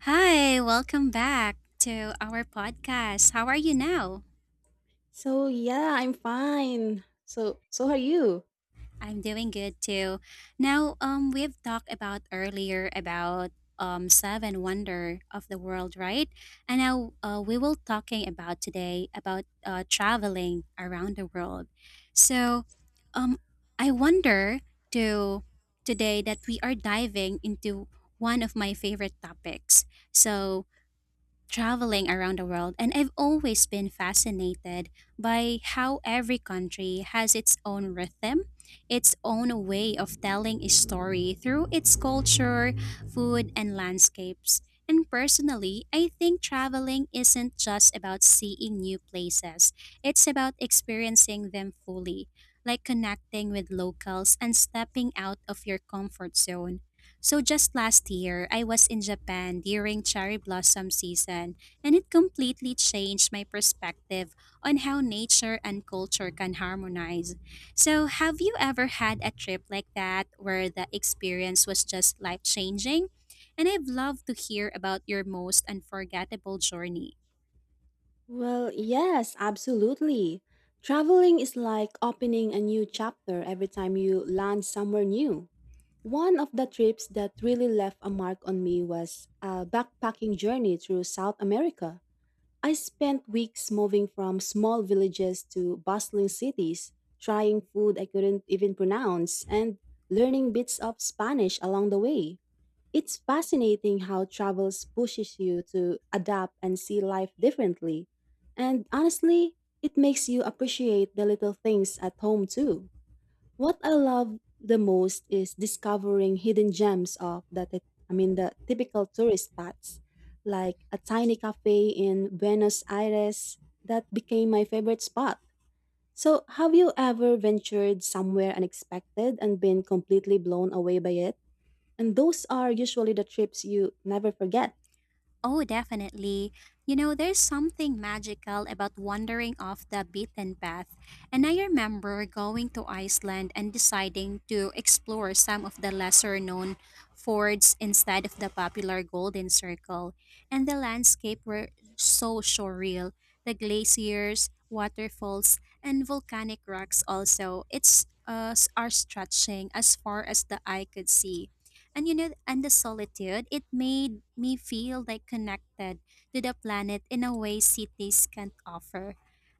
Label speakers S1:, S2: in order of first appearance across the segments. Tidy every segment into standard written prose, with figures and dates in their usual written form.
S1: Hi, welcome back to our podcast. How are you now?
S2: So yeah, I'm fine. So are you?
S1: I'm doing good too. Now, we've talked about earlier about seven wonder of the world, right? And now we will talking about today about traveling around the world. So, um, I wonder to today that we are diving into one of my favorite topics. So, traveling around the world, and I've always been fascinated by how every country has its own rhythm, its own way of telling a story through its culture, food, and landscapes. And personally, I think traveling isn't just about seeing new places, it's about experiencing them fully, like connecting with locals and stepping out of your comfort zone. So just last year, I was in Japan during cherry blossom season, and it completely changed my perspective on how nature and culture can harmonize. So, have you ever had a trip like that where the experience was just life changing? And I'd love to hear about your most unforgettable journey.
S2: Well, yes, absolutely. Traveling is like opening a new chapter every time you land somewhere new. One of the trips that really left a mark on me was a backpacking journey through South America. I spent weeks moving from small villages to bustling cities, trying food I couldn't even pronounce and learning bits of Spanish along the way. It's fascinating how travels pushes you to adapt and see life differently. And honestly, it makes you appreciate the little things at home too. What I love the most is discovering hidden gems of the the typical tourist spots, like a tiny cafe in Buenos Aires that became my favorite spot. So, have you ever ventured somewhere unexpected and been completely blown away by it? And those are usually the trips you never forget.
S1: Oh, definitely. You know, there's something magical about wandering off the beaten path. And I remember going to Iceland and deciding to explore some of the lesser known fords instead of the popular Golden Circle. And the landscape were so surreal. The glaciers, waterfalls, and volcanic rocks also. It's are stretching as far as the eye could see. And you know, and the solitude, it made me feel like connected to the planet in a way cities can't offer.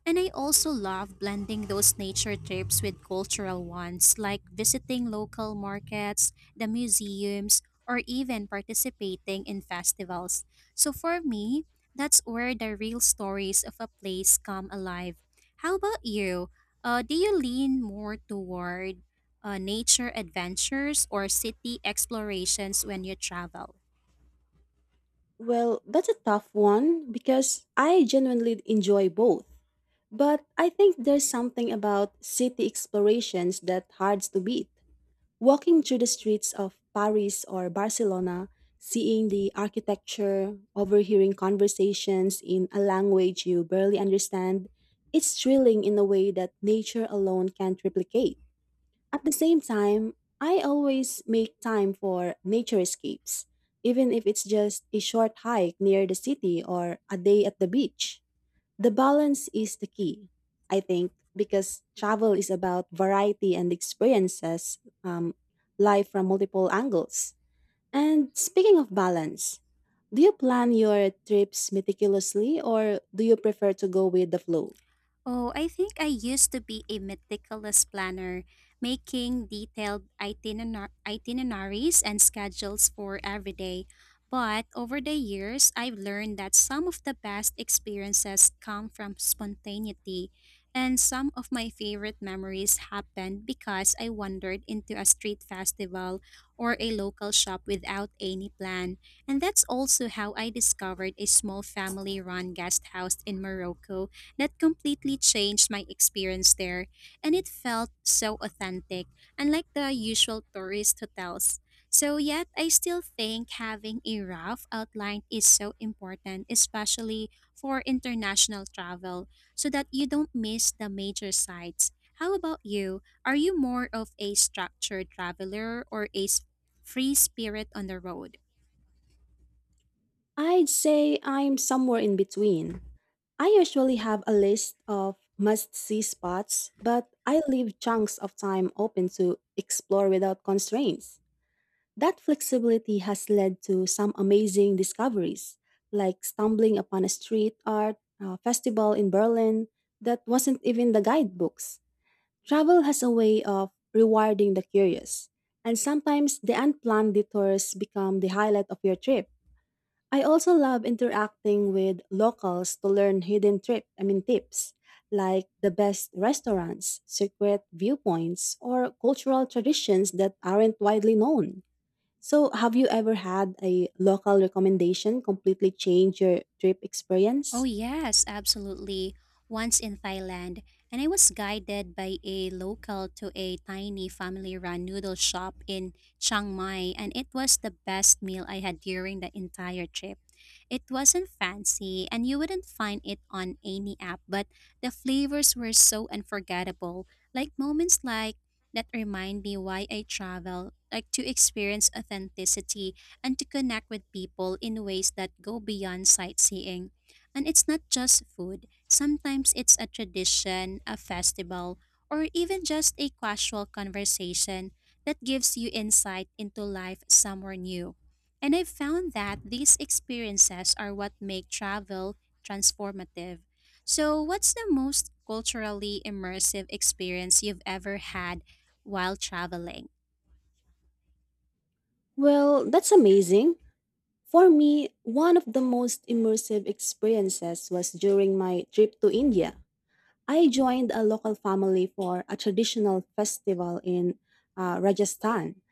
S1: And I also love blending those nature trips with cultural ones, like visiting local markets, the museums, or even participating in festivals. So for me, that's where the real stories of a place come alive. How about you? Do you lean more toward nature adventures or city explorations when you travel?
S2: Well, that's a tough one because I genuinely enjoy both. But I think there's something about city explorations that hard to beat. Walking through the streets of Paris or Barcelona, seeing the architecture, overhearing conversations in a language you barely understand, it's thrilling in a way that nature alone can't replicate. At the same time, I always make time for nature escapes, even if it's just a short hike near the city or a day at the beach. The balance is the key, I think, because travel is about variety and experiences, um, life from multiple angles. And speaking of balance, do you plan your trips meticulously or do you prefer to go with the flow?
S1: Oh, I think I used to be a meticulous planner, making detailed itineraries and schedules for every day. But over the years, I've learned that some of the best experiences come from spontaneity, and some of my favorite memories happened because I wandered into a street festival or a local shop without any plan. And that's also how I discovered a small family run guest house in Morocco that completely changed my experience there, and it felt so authentic, unlike the usual tourist hotels. So, yet, I still think having a rough outline is so important, especially for international travel, so that you don't miss the major sites. How about you? Are you more of a structured traveler or a free spirit on the road?
S2: I'd say I'm somewhere in between. I usually have a list of must see spots, but I leave chunks of time open to explore without constraints. That flexibility has led to some amazing discoveries, like stumbling upon a street art festival in Berlin that wasn't even the guidebooks. Travel has a way of rewarding the curious, and sometimes the unplanned detours become the highlight of your trip. I also love interacting with locals to learn hidden trip, I mean tips, like the best restaurants, secret viewpoints, or cultural traditions that aren't widely known. So, have you ever had a local recommendation completely change your trip
S1: Oh,
S2: experience?
S1: yes, absolutely. Once in Thailand, and I was guided by a local to a tiny family run noodle shop in Chiang Mai, and it was the best meal I had during the entire trip. It wasn't fancy, and you wouldn't find it on any app, but the flavors were so unforgettable. Like moments like that remind me why I travel, like to experience authenticity and to connect with people in ways that go beyond sightseeing. And it's not just food, sometimes it's a tradition, a festival, or even just a casual conversation that gives you insight into life somewhere new. And I've found that these experiences are what make travel transformative. So, what's the most culturally immersive experience you've ever had while traveling?
S2: Well, that's amazing. For me, one of the most immersive experiences was during my trip to India. I joined a local family for a traditional festival in Rajasthan,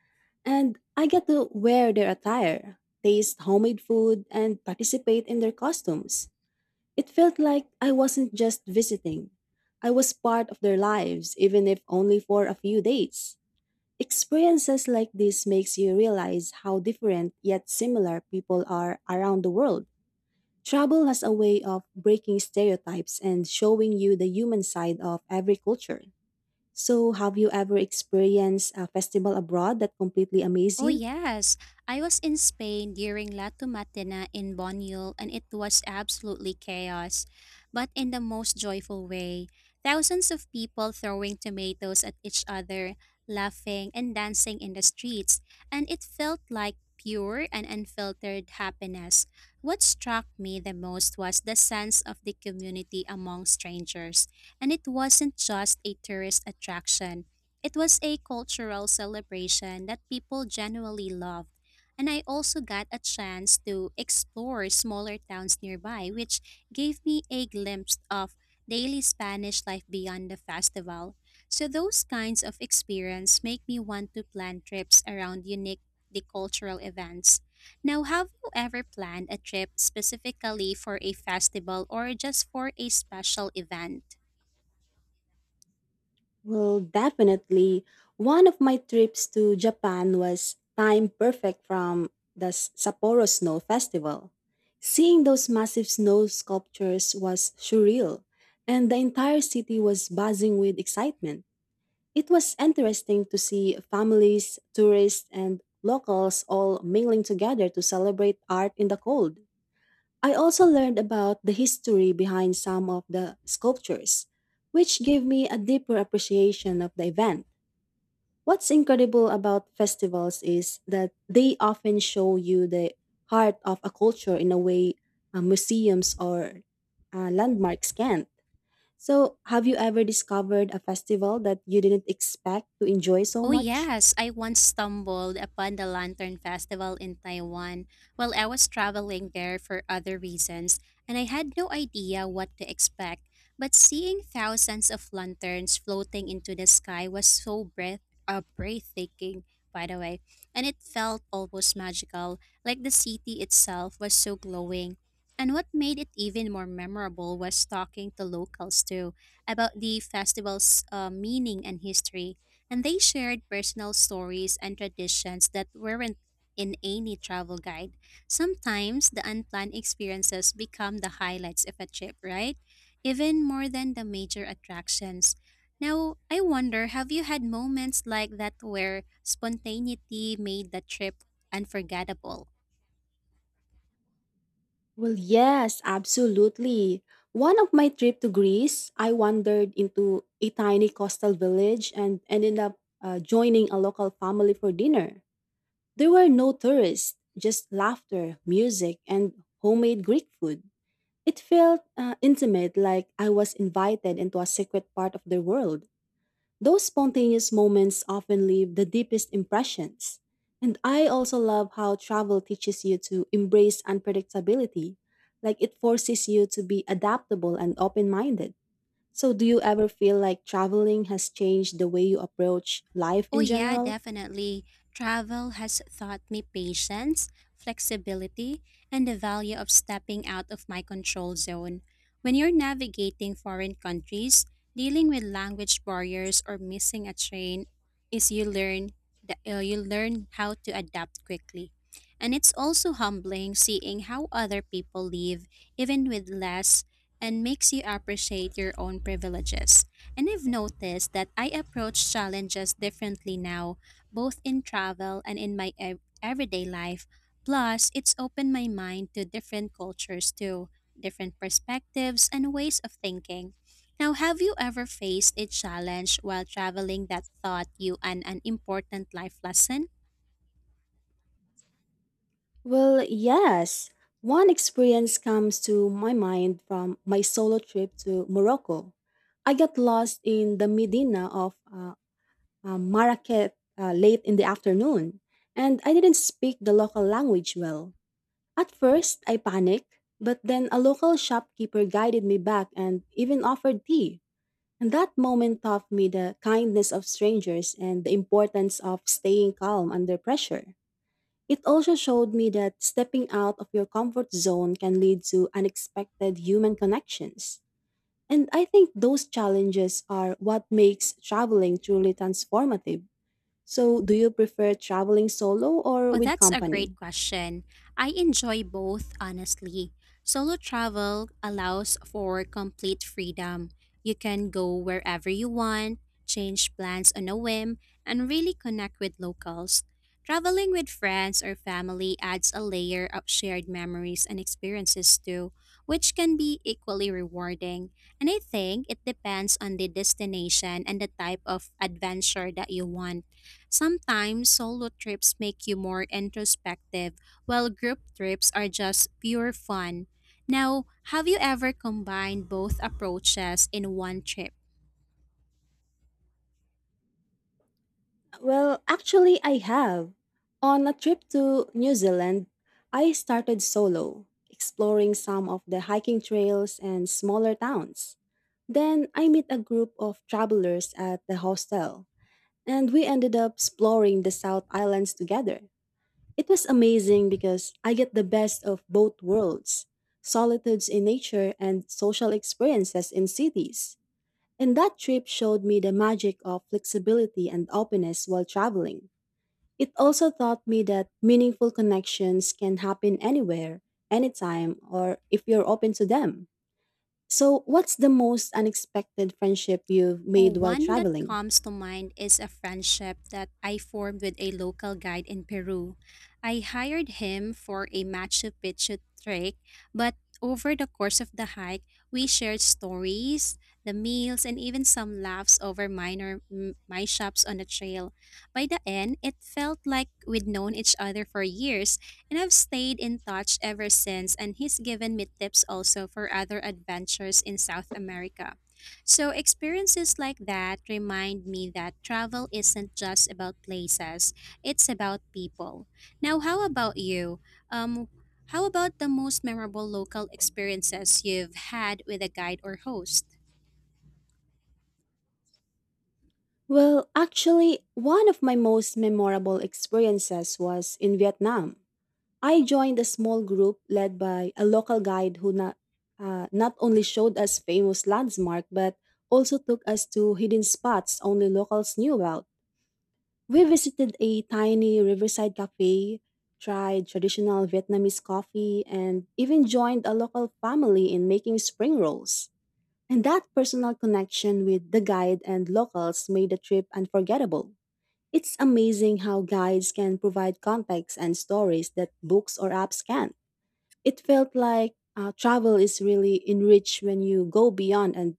S2: and I got to wear their attire, taste homemade food, and participate in their costumes. It felt like I wasn't just visiting, I was part of their lives, even if only for a few days. Experiences like this makes you realize how different yet similar people are around the world. Travel has a way of breaking stereotypes and showing you the human side of every culture. So, have you ever experienced a festival abroad that completely amazed
S1: Oh
S2: you?
S1: yes, I was in Spain during La Tomatina in Bonyul and it was absolutely chaos, but in the most joyful way. Thousands of people throwing tomatoes at each other, laughing and dancing in the streets, and it felt like pure and unfiltered happiness. What struck me the most was the sense of the community among strangers, and it wasn't just a tourist attraction. It was a cultural celebration that people genuinely loved, and I also got a chance to explore smaller towns nearby, which gave me a glimpse of daily Spanish life beyond the festival. So those kinds of experience make me want to plan trips around unique the cultural events. Now, have you ever planned a trip specifically for a festival or just for a special event?
S2: Well, definitely. One of my trips to Japan was timed perfect from the Sapporo Snow Festival. Seeing those massive snow sculptures was surreal, and the entire city was buzzing with excitement. It was interesting to see families, tourists, and locals all mingling together to celebrate art in the cold. I also learned about the history behind some of the sculptures, which gave me a deeper appreciation of the event. What's incredible about festivals is that they often show you the heart of a culture in a way museums or landmarks can't. So, have you ever discovered a festival that you didn't expect to enjoy so
S1: Oh,
S2: much?
S1: yes. I once stumbled upon the Lantern Festival in Taiwan while I was traveling there for other reasons, and I had no idea what to expect. But seeing thousands of lanterns floating into the sky was so breathtaking, by the way, and it felt almost magical, like the city itself was so glowing. And what made it even more memorable was talking to locals too about the festival's meaning and history and they shared personal stories and traditions that weren't in any travel guide. Sometimes the unplanned experiences become the highlights of a trip, right? Even more than the major attractions. Now, I wonder have you had moments like that where spontaneity made the trip unforgettable?
S2: Well, yes, absolutely. One of my trip to Greece, I wandered into a tiny coastal village and ended up joining a local family for dinner. There were no tourists, just laughter, music, and homemade Greek food. It felt intimate, like I was invited into a secret part of their world. Those spontaneous moments often leave the deepest impressions. And I also love how travel teaches you to embrace unpredictability, like it forces you to be adaptable and open minded. So, do you ever feel like traveling has changed the way you approach life
S1: Oh,
S2: in
S1: yeah,
S2: general?
S1: definitely. Travel has taught me patience, flexibility, and the value of stepping out of my control zone. When you're navigating foreign countries, dealing with language barriers or missing a train is you learn that you learn how to adapt quickly. And it's also humbling seeing how other people live even with less and makes you appreciate your own privileges. And I've noticed that I approach challenges differently now, both in travel and in my everyday life. Plus, it's opened my mind to different cultures too, different perspectives and ways of thinking. Now, have you ever faced a challenge while traveling that taught you an important life lesson?
S2: Well, yes. One experience comes to my mind from my solo trip to Morocco. I got lost in the Medina of Marrakech late in the afternoon, and I didn't speak the local language well. At first, I panicked, but then a local shopkeeper guided me back and even offered tea. And that moment taught me the kindness of strangers and the importance of staying calm under pressure. It also showed me that stepping out of your comfort zone can lead to unexpected human connections. And I think those challenges are what makes traveling truly transformative. So, do you prefer traveling solo or
S1: Oh,
S2: with
S1: that's a great
S2: company?
S1: question. I enjoy both, honestly. Solo travel allows for complete freedom. You can go wherever you want, change plans on a whim, and really connect with locals. Traveling with friends or family adds a layer of shared memories and experiences too, which can be equally rewarding. And I think it depends on the destination and the type of adventure that you want. Sometimes solo trips make you more introspective, while group trips are just pure fun. Now, have you ever combined both approaches in one trip?
S2: Well, actually, I have. On a trip to New Zealand, I started solo, exploring some of the hiking trails and smaller towns. Then I met a group of travelers at the hostel, and we ended up exploring the South Islands together. It was amazing because I get the best of both worlds solitudes in nature and social experiences in cities. And that trip showed me the magic of flexibility and openness while traveling. It also taught me that meaningful connections can happen anywhere, anytime, or if you're open to them. So, what's the most unexpected friendship you've
S1: Oh,
S2: made while
S1: one that
S2: traveling?
S1: comes to mind is a friendship that I formed with a local guide in Peru. I hired him for a Machu Picchu trek, but over the course of the hike, we shared stories, the meals, and even some laughs over my on the trail. By the end, it felt like we'd known each other for years, and I've stayed in touch ever since, and he's given me tips also for other adventures in South America. So, experiences like that remind me that travel isn't just about places, it's about people. Now, how about you? Um, how about the most memorable local experiences you've had with a guide or host?
S2: Well, actually, one of my most memorable experiences was in Vietnam. I joined a small group led by a local guide who not only showed us famous landmarks but also took us to hidden spots only locals knew about. We visited a tiny riverside cafe, tried traditional Vietnamese coffee, and even joined a local family in making spring rolls. And that personal connection with the guide and locals made the trip unforgettable. It's amazing how guides can provide context and stories that books or apps can't. It felt like travel is really enriched when you go beyond and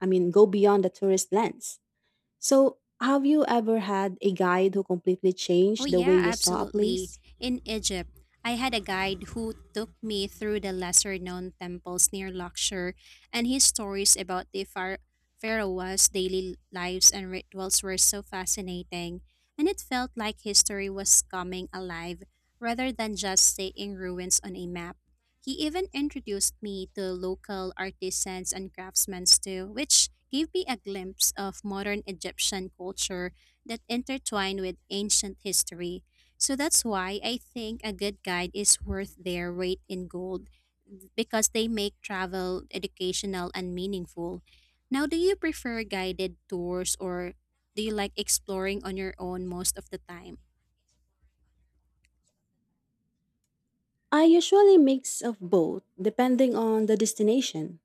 S2: I mean go beyond the tourist lens. So, have you ever had a guide who completely
S1: Oh,
S2: changed the way
S1: yeah,
S2: you saw a
S1: absolutely.
S2: place?
S1: In Egypt, I had a guide who took me through the lesser known temples near Luxor, and his stories about the pharaohs' daily lives and rituals were so fascinating. And it felt like history was coming alive rather than just staying ruins on a map. He even introduced me to local artisans and craftsmen too, which gave me a glimpse of modern Egyptian culture that intertwine with ancient history. So that's why I think a good guide is worth their weight in gold because they make travel educational and meaningful. Now, do you prefer guided tours or do you like exploring on your own most of the time?
S2: I usually mix of both depending on the destination.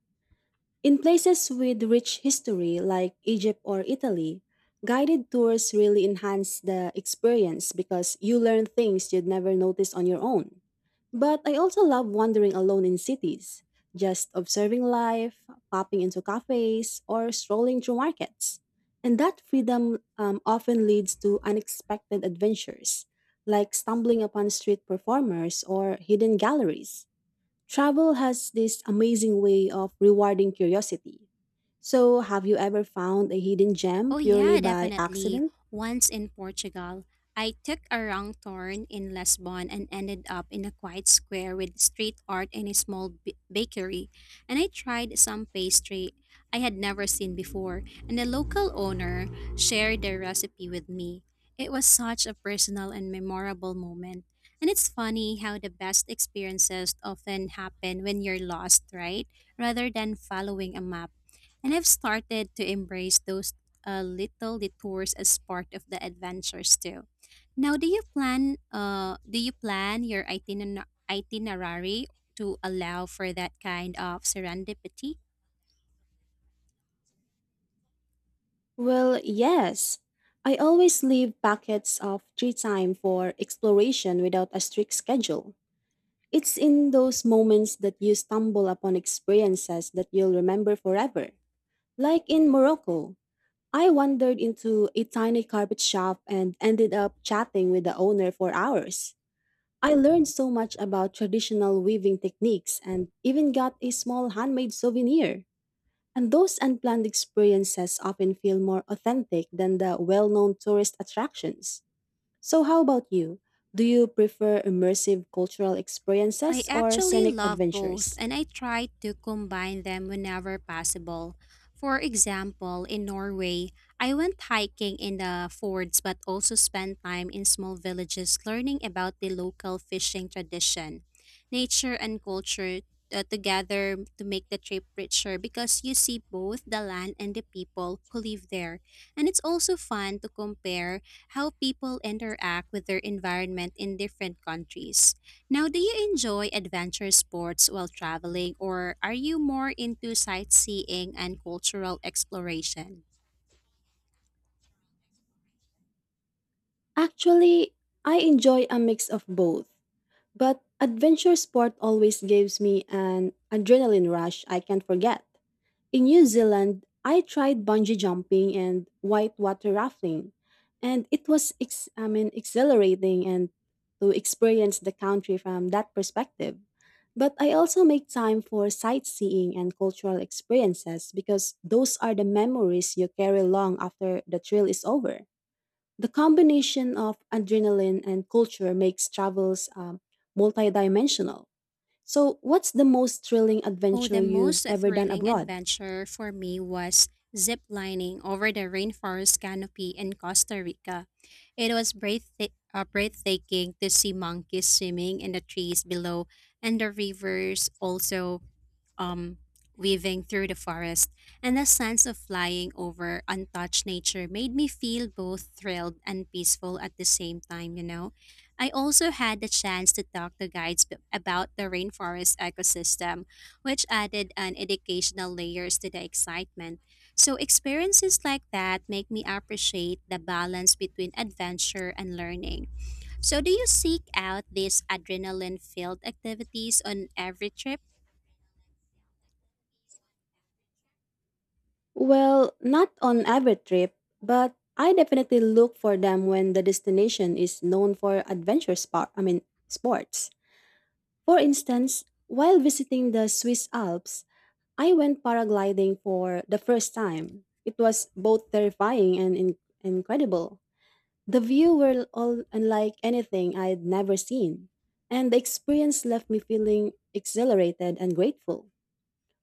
S2: In places with rich history like Egypt or Italy, guided tours really enhance the experience because you learn things you'd never notice on your own. But I also love wandering alone in cities, just observing life, popping into cafes, or strolling through markets. And that freedom often leads to unexpected adventures, like stumbling upon street performers or hidden galleries. Travel has this amazing way of rewarding curiosity. So, have you ever found a hidden gem
S1: Oh,
S2: purely
S1: yeah,
S2: by
S1: definitely.
S2: accident?
S1: Once in Portugal, I took a wrong turn in Lisbon and ended up in a quiet square with street art and a bakery. And I tried some pastry I had never seen before, and the local owner shared their recipe with me. It was such a personal and memorable moment. And it's funny how the best experiences often happen when you're lost, right? Rather than following a map. And I've started to embrace those little detours as part of the adventures too. Now, do you plan your itinerary to allow for that kind of serendipity?
S2: Well, yes. I always leave pockets of free time for exploration without a strict schedule. It's in those moments that you stumble upon experiences that you'll remember forever. Like in Morocco, I wandered into a tiny carpet shop and ended up chatting with the owner for hours. I learned so much about traditional weaving techniques and even got a small handmade souvenir. And those unplanned experiences often feel more authentic than the well known tourist attractions. So, how about you? Do you prefer immersive cultural
S1: I
S2: experiences or
S1: actually
S2: scenic
S1: love both
S2: adventures?
S1: and I try to combine them whenever possible. For example, in Norway, I went hiking in the fords but also spent time in small villages learning about the local fishing tradition, nature, and culture together to make the trip richer because you see both the land and the people who live there. And it's also fun to compare how people interact with their environment in different countries. Now, do you enjoy adventure sports while traveling, or are you more into sightseeing and cultural exploration?
S2: Actually, I enjoy a mix of both, but adventure sport always gives me an adrenaline rush I can't forget. In New Zealand, I tried bungee jumping and whitewater rafting, and it was exhilarating and to experience the country from that perspective. But I also make time for sightseeing and cultural experiences because those are the memories you carry long after the thrill is over. The combination of adrenaline and culture makes travels multidimensional. So, what's the most thrilling
S1: Oh,
S2: adventure
S1: the
S2: you've
S1: most
S2: ever done
S1: thrilling
S2: abroad?
S1: adventure for me was zip lining over the rainforest canopy in Costa Rica. It was breathtaking to see monkeys swimming in the trees below and the rivers also um, weaving through the forest, and the sense of flying over untouched nature made me feel both thrilled and peaceful at the same time, you know. I also had the chance to talk to guides about the rainforest ecosystem, which added an educational layers to the excitement. So experiences like that make me appreciate the balance between adventure and learning. So do you seek out these adrenaline-filled activities on every trip?
S2: Well, not on every trip, but I definitely look for them when the destination is known for adventure sports. For instance, while visiting the Swiss Alps, I went paragliding for the first time. It was both terrifying and incredible. The view were all unlike anything I'd never seen, and the experience left me feeling exhilarated and grateful.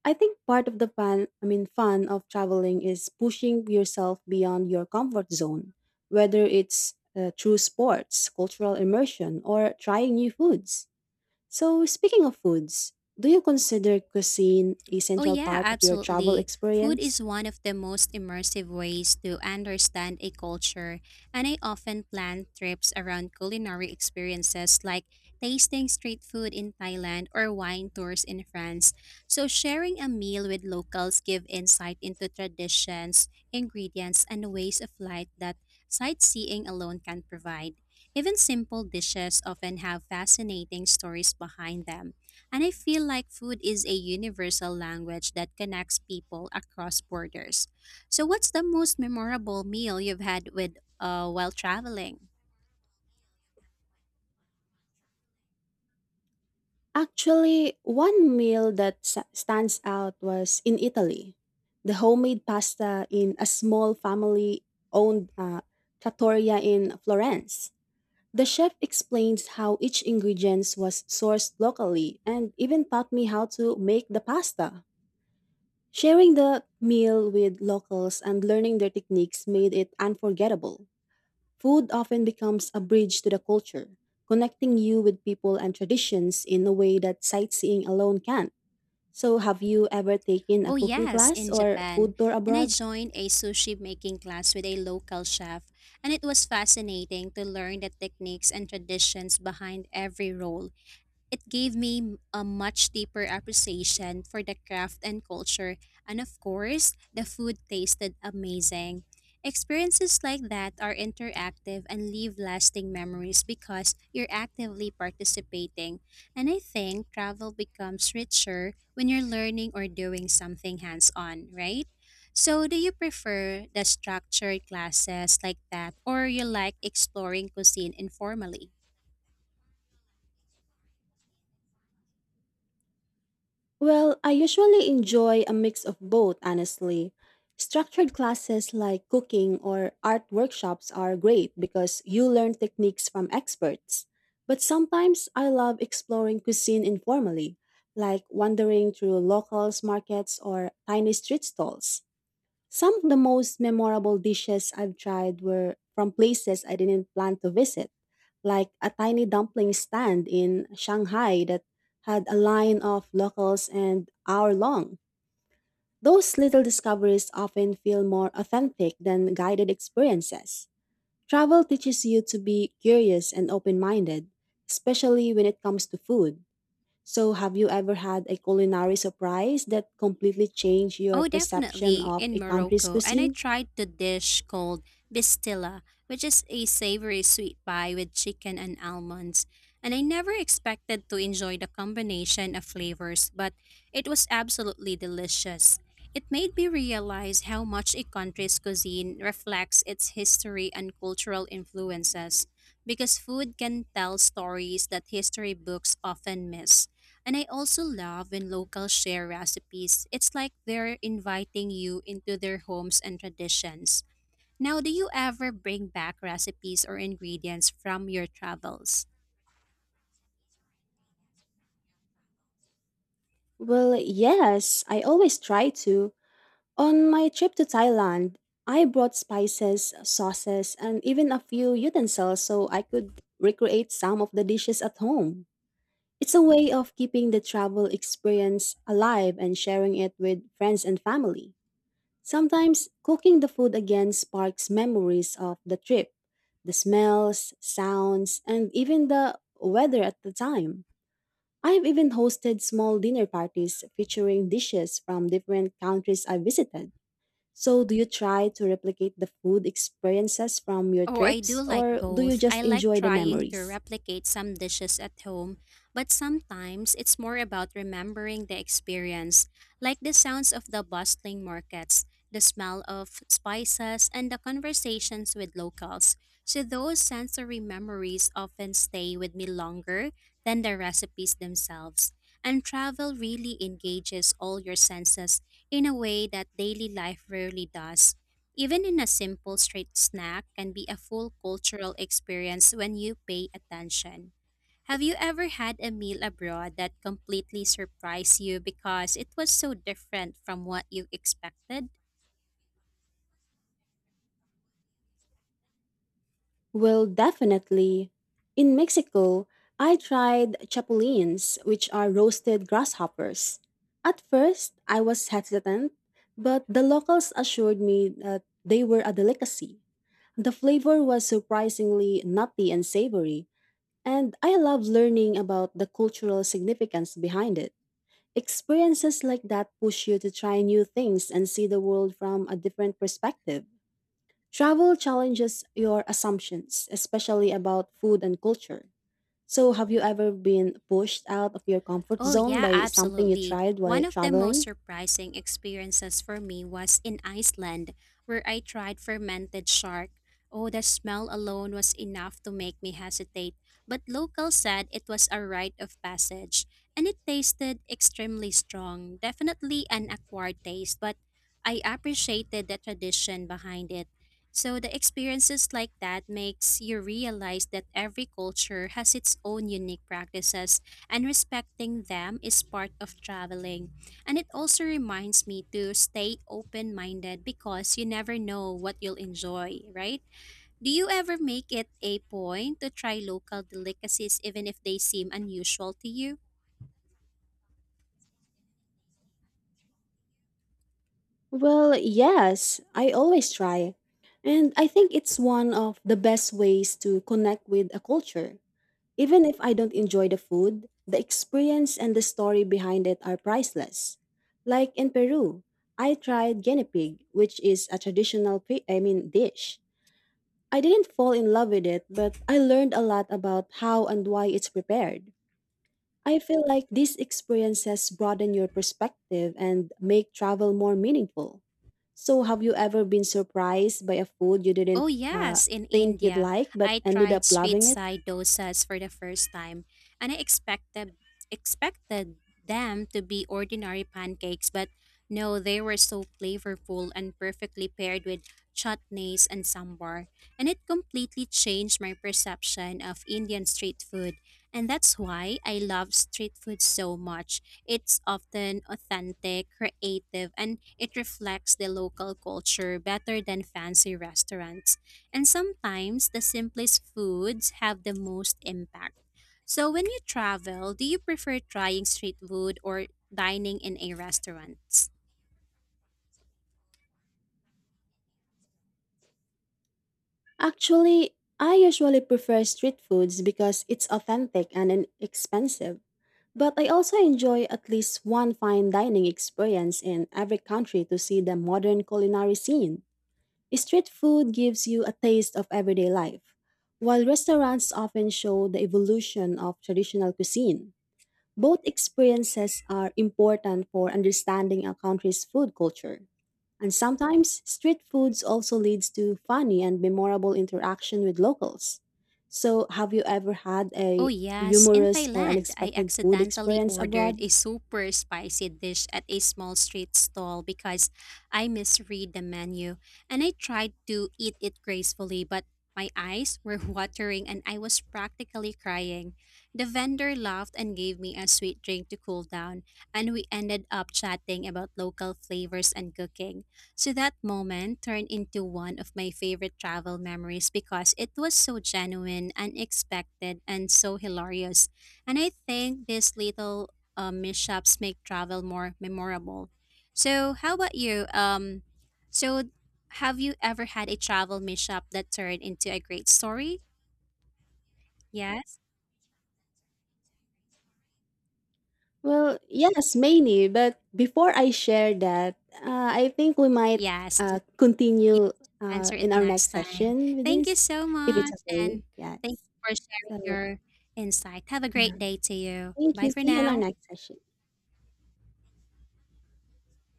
S2: I think part of the fun of traveling is pushing yourself beyond your comfort zone, whether it's through sports, cultural immersion, or trying new foods. So, speaking of foods, do you consider cuisine a
S1: Oh,
S2: central
S1: yeah,
S2: part of your travel
S1: absolutely. Food is
S2: experience?
S1: one of the most immersive ways to understand a culture, and I often plan trips around culinary experiences like tasting street food in Thailand or wine tours in France. So, sharing a meal with locals give insight into traditions, ingredients, and ways of life that sightseeing alone can provide. Even simple dishes often have fascinating stories behind them. And I feel like food is a universal language that connects people across borders. So, what's the most memorable meal you've had with while traveling?
S2: Actually, one meal that stands out was in Italy. The homemade pasta in a small family owned trattoria in Florence. The chef explains how each ingredient was sourced locally and even taught me how to make the pasta. Sharing the meal with locals and learning their techniques made it unforgettable. Food often becomes a bridge to the culture, connecting you with people and traditions in a way that sightseeing alone can't. So, have you ever taken a
S1: Oh
S2: cooking
S1: yes,
S2: class
S1: in
S2: or
S1: Japan.
S2: food tour
S1: And I
S2: abroad?
S1: joined a sushi making class with a local chef, and it was fascinating to learn the techniques and traditions behind every roll. It gave me a much deeper appreciation for the craft and culture, and of course, the food tasted amazing. Experiences like that are interactive and leave lasting memories because you're actively participating. And I think travel becomes richer when you're learning or doing something hands on, right? So, do you prefer the structured classes like that, or you like exploring cuisine informally?
S2: Well, I usually enjoy a mix of both, honestly. Structured classes like cooking or art workshops are great because you learn techniques from experts. But sometimes I love exploring cuisine informally, like wandering through locals markets or tiny street stalls. Some of the most memorable dishes I've tried were from places I didn't plan to visit, like a tiny dumpling stand in Shanghai that had a line of locals and hour long. Those little discoveries often feel more authentic than guided experiences. Travel teaches you to be curious and open minded, especially when it comes to food. So, have you ever had a culinary surprise that completely changed your
S1: Oh,
S2: perception
S1: definitely
S2: of a
S1: in
S2: country's
S1: Morocco. And I
S2: cuisine?
S1: tried the dish called bistilla, which is a savory sweet pie with chicken and almonds. And I never expected to enjoy the combination of flavors, but it was absolutely delicious. It made me realize how much a country's cuisine reflects its history and cultural influences, because food can tell stories that history books often miss. And I also love when locals share recipes. It's like they're inviting you into their homes and traditions. Now, do you ever bring back recipes or ingredients from your travels?
S2: Well, yes, I always try to. On my trip to Thailand, I brought spices, sauces, and even a few utensils so I could recreate some of the dishes at home. It's a way of keeping the travel experience alive and sharing it with friends and family. Sometimes cooking the food again sparks memories of the trip, the smells, sounds, and even the weather at the time. I've even hosted small dinner parties featuring dishes from different countries I visited. So, do you try to replicate the food experiences from your
S1: Oh, I do
S2: trips
S1: like
S2: or do you
S1: both. I
S2: just
S1: like
S2: enjoy the
S1: trying to
S2: memories?
S1: replicate some dishes at home, but sometimes it's more about remembering the experience, like the sounds of the bustling markets, the smell of spices, and the conversations with locals. So, those sensory memories often stay with me longer than the recipes themselves. And travel really engages all your senses in a way that daily life rarely does. Even in a simple street snack can be a full cultural experience when you pay attention. Have you ever had a meal abroad that completely surprised you because it was so different from what you expected?
S2: Well, definitely. In Mexico, I tried chapulines, which are roasted grasshoppers. At first, I was hesitant, but the locals assured me that they were a delicacy. The flavor was surprisingly nutty and savory. And I love learning about the cultural significance behind it. Experiences like that push you to try new things and see the world from a different perspective. Travel challenges your assumptions, especially about food and culture. So, have you ever been pushed out of your comfort
S1: Oh,
S2: zone
S1: yeah,
S2: by something you
S1: absolutely.
S2: tried while
S1: One of the most
S2: traveling?
S1: surprising experiences for me was in Iceland, where I tried fermented shark. Oh, the smell alone was enough to make me hesitate, but locals said it was a rite of passage, and it tasted extremely strong, definitely an acquired taste, but I appreciated the tradition behind it. So the experiences like that makes you realize that every culture has its own unique practices and respecting them is part of traveling. And it also reminds me to stay open minded because you never know what you'll enjoy, right? Do you ever make it a point to try local delicacies even if they seem unusual to you?
S2: Well, yes, I always try. And I think it's one of the best ways to connect with a culture. Even if I don't enjoy the food, the experience and the story behind it are priceless. Like in Peru, I tried guinea pig, which is a traditional dish. I didn't fall in love with it, but I learned a lot about how and why it's prepared. I feel like these experiences broaden your perspective and make travel more meaningful. So, have you ever been surprised by a food you didn't
S1: Oh,
S2: uh,
S1: yes, in
S2: think you'd
S1: India,
S2: like but
S1: I
S2: ended up
S1: tried street
S2: loving it?
S1: side dosas for the first time, and I expected them to be ordinary pancakes, but no, they were so flavorful and perfectly paired with chutneys and sambar, and it completely changed my perception of Indian street food, and that's why I love street food so much. It's often authentic, creative, and it reflects the local culture better than fancy restaurants. And sometimes the simplest foods have the most impact. So, when you travel, do you prefer trying street food or dining in a restaurant?
S2: Actually, I usually prefer street foods because it's authentic and inexpensive. But I also enjoy at least one fine dining experience in every country to see the modern culinary scene. Street food gives you a taste of everyday life, while restaurants often show the evolution of traditional cuisine. Both experiences are important for understanding a country's food culture. And sometimes street foods also leads to funny and memorable interaction with locals. So, have you ever had
S1: Oh,
S2: a
S1: yes. In
S2: humorous or
S1: Thailand, I
S2: unexpected food
S1: accidentally
S2: experience
S1: ordered
S2: abroad?
S1: a super spicy dish at a small street stall because I misread the menu and I tried to eat it gracefully, but my eyes were watering and I was practically crying. The vendor laughed and gave me a sweet drink to cool down, and we ended up chatting about local flavors and cooking. So that moment turned into one of my favorite travel memories because it was so genuine, unexpected, and so hilarious. And I think these little mishaps make travel more memorable. So how about you? So have you ever had a travel mishap that turned into a great story? Yes.
S2: Well, yes, many. But before I share that, I think we might
S1: Yes.
S2: continue
S1: Answer it
S2: in our
S1: next
S2: next
S1: time.
S2: session with
S1: Thank you
S2: this,
S1: so
S2: if it's
S1: much.
S2: okay.
S1: And
S2: Yes.
S1: thank you for sharing
S2: So,
S1: your insight. Have a
S2: yeah.
S1: great day to you.
S2: Thank
S1: Bye
S2: you.
S1: for
S2: See you in our
S1: now.
S2: next session.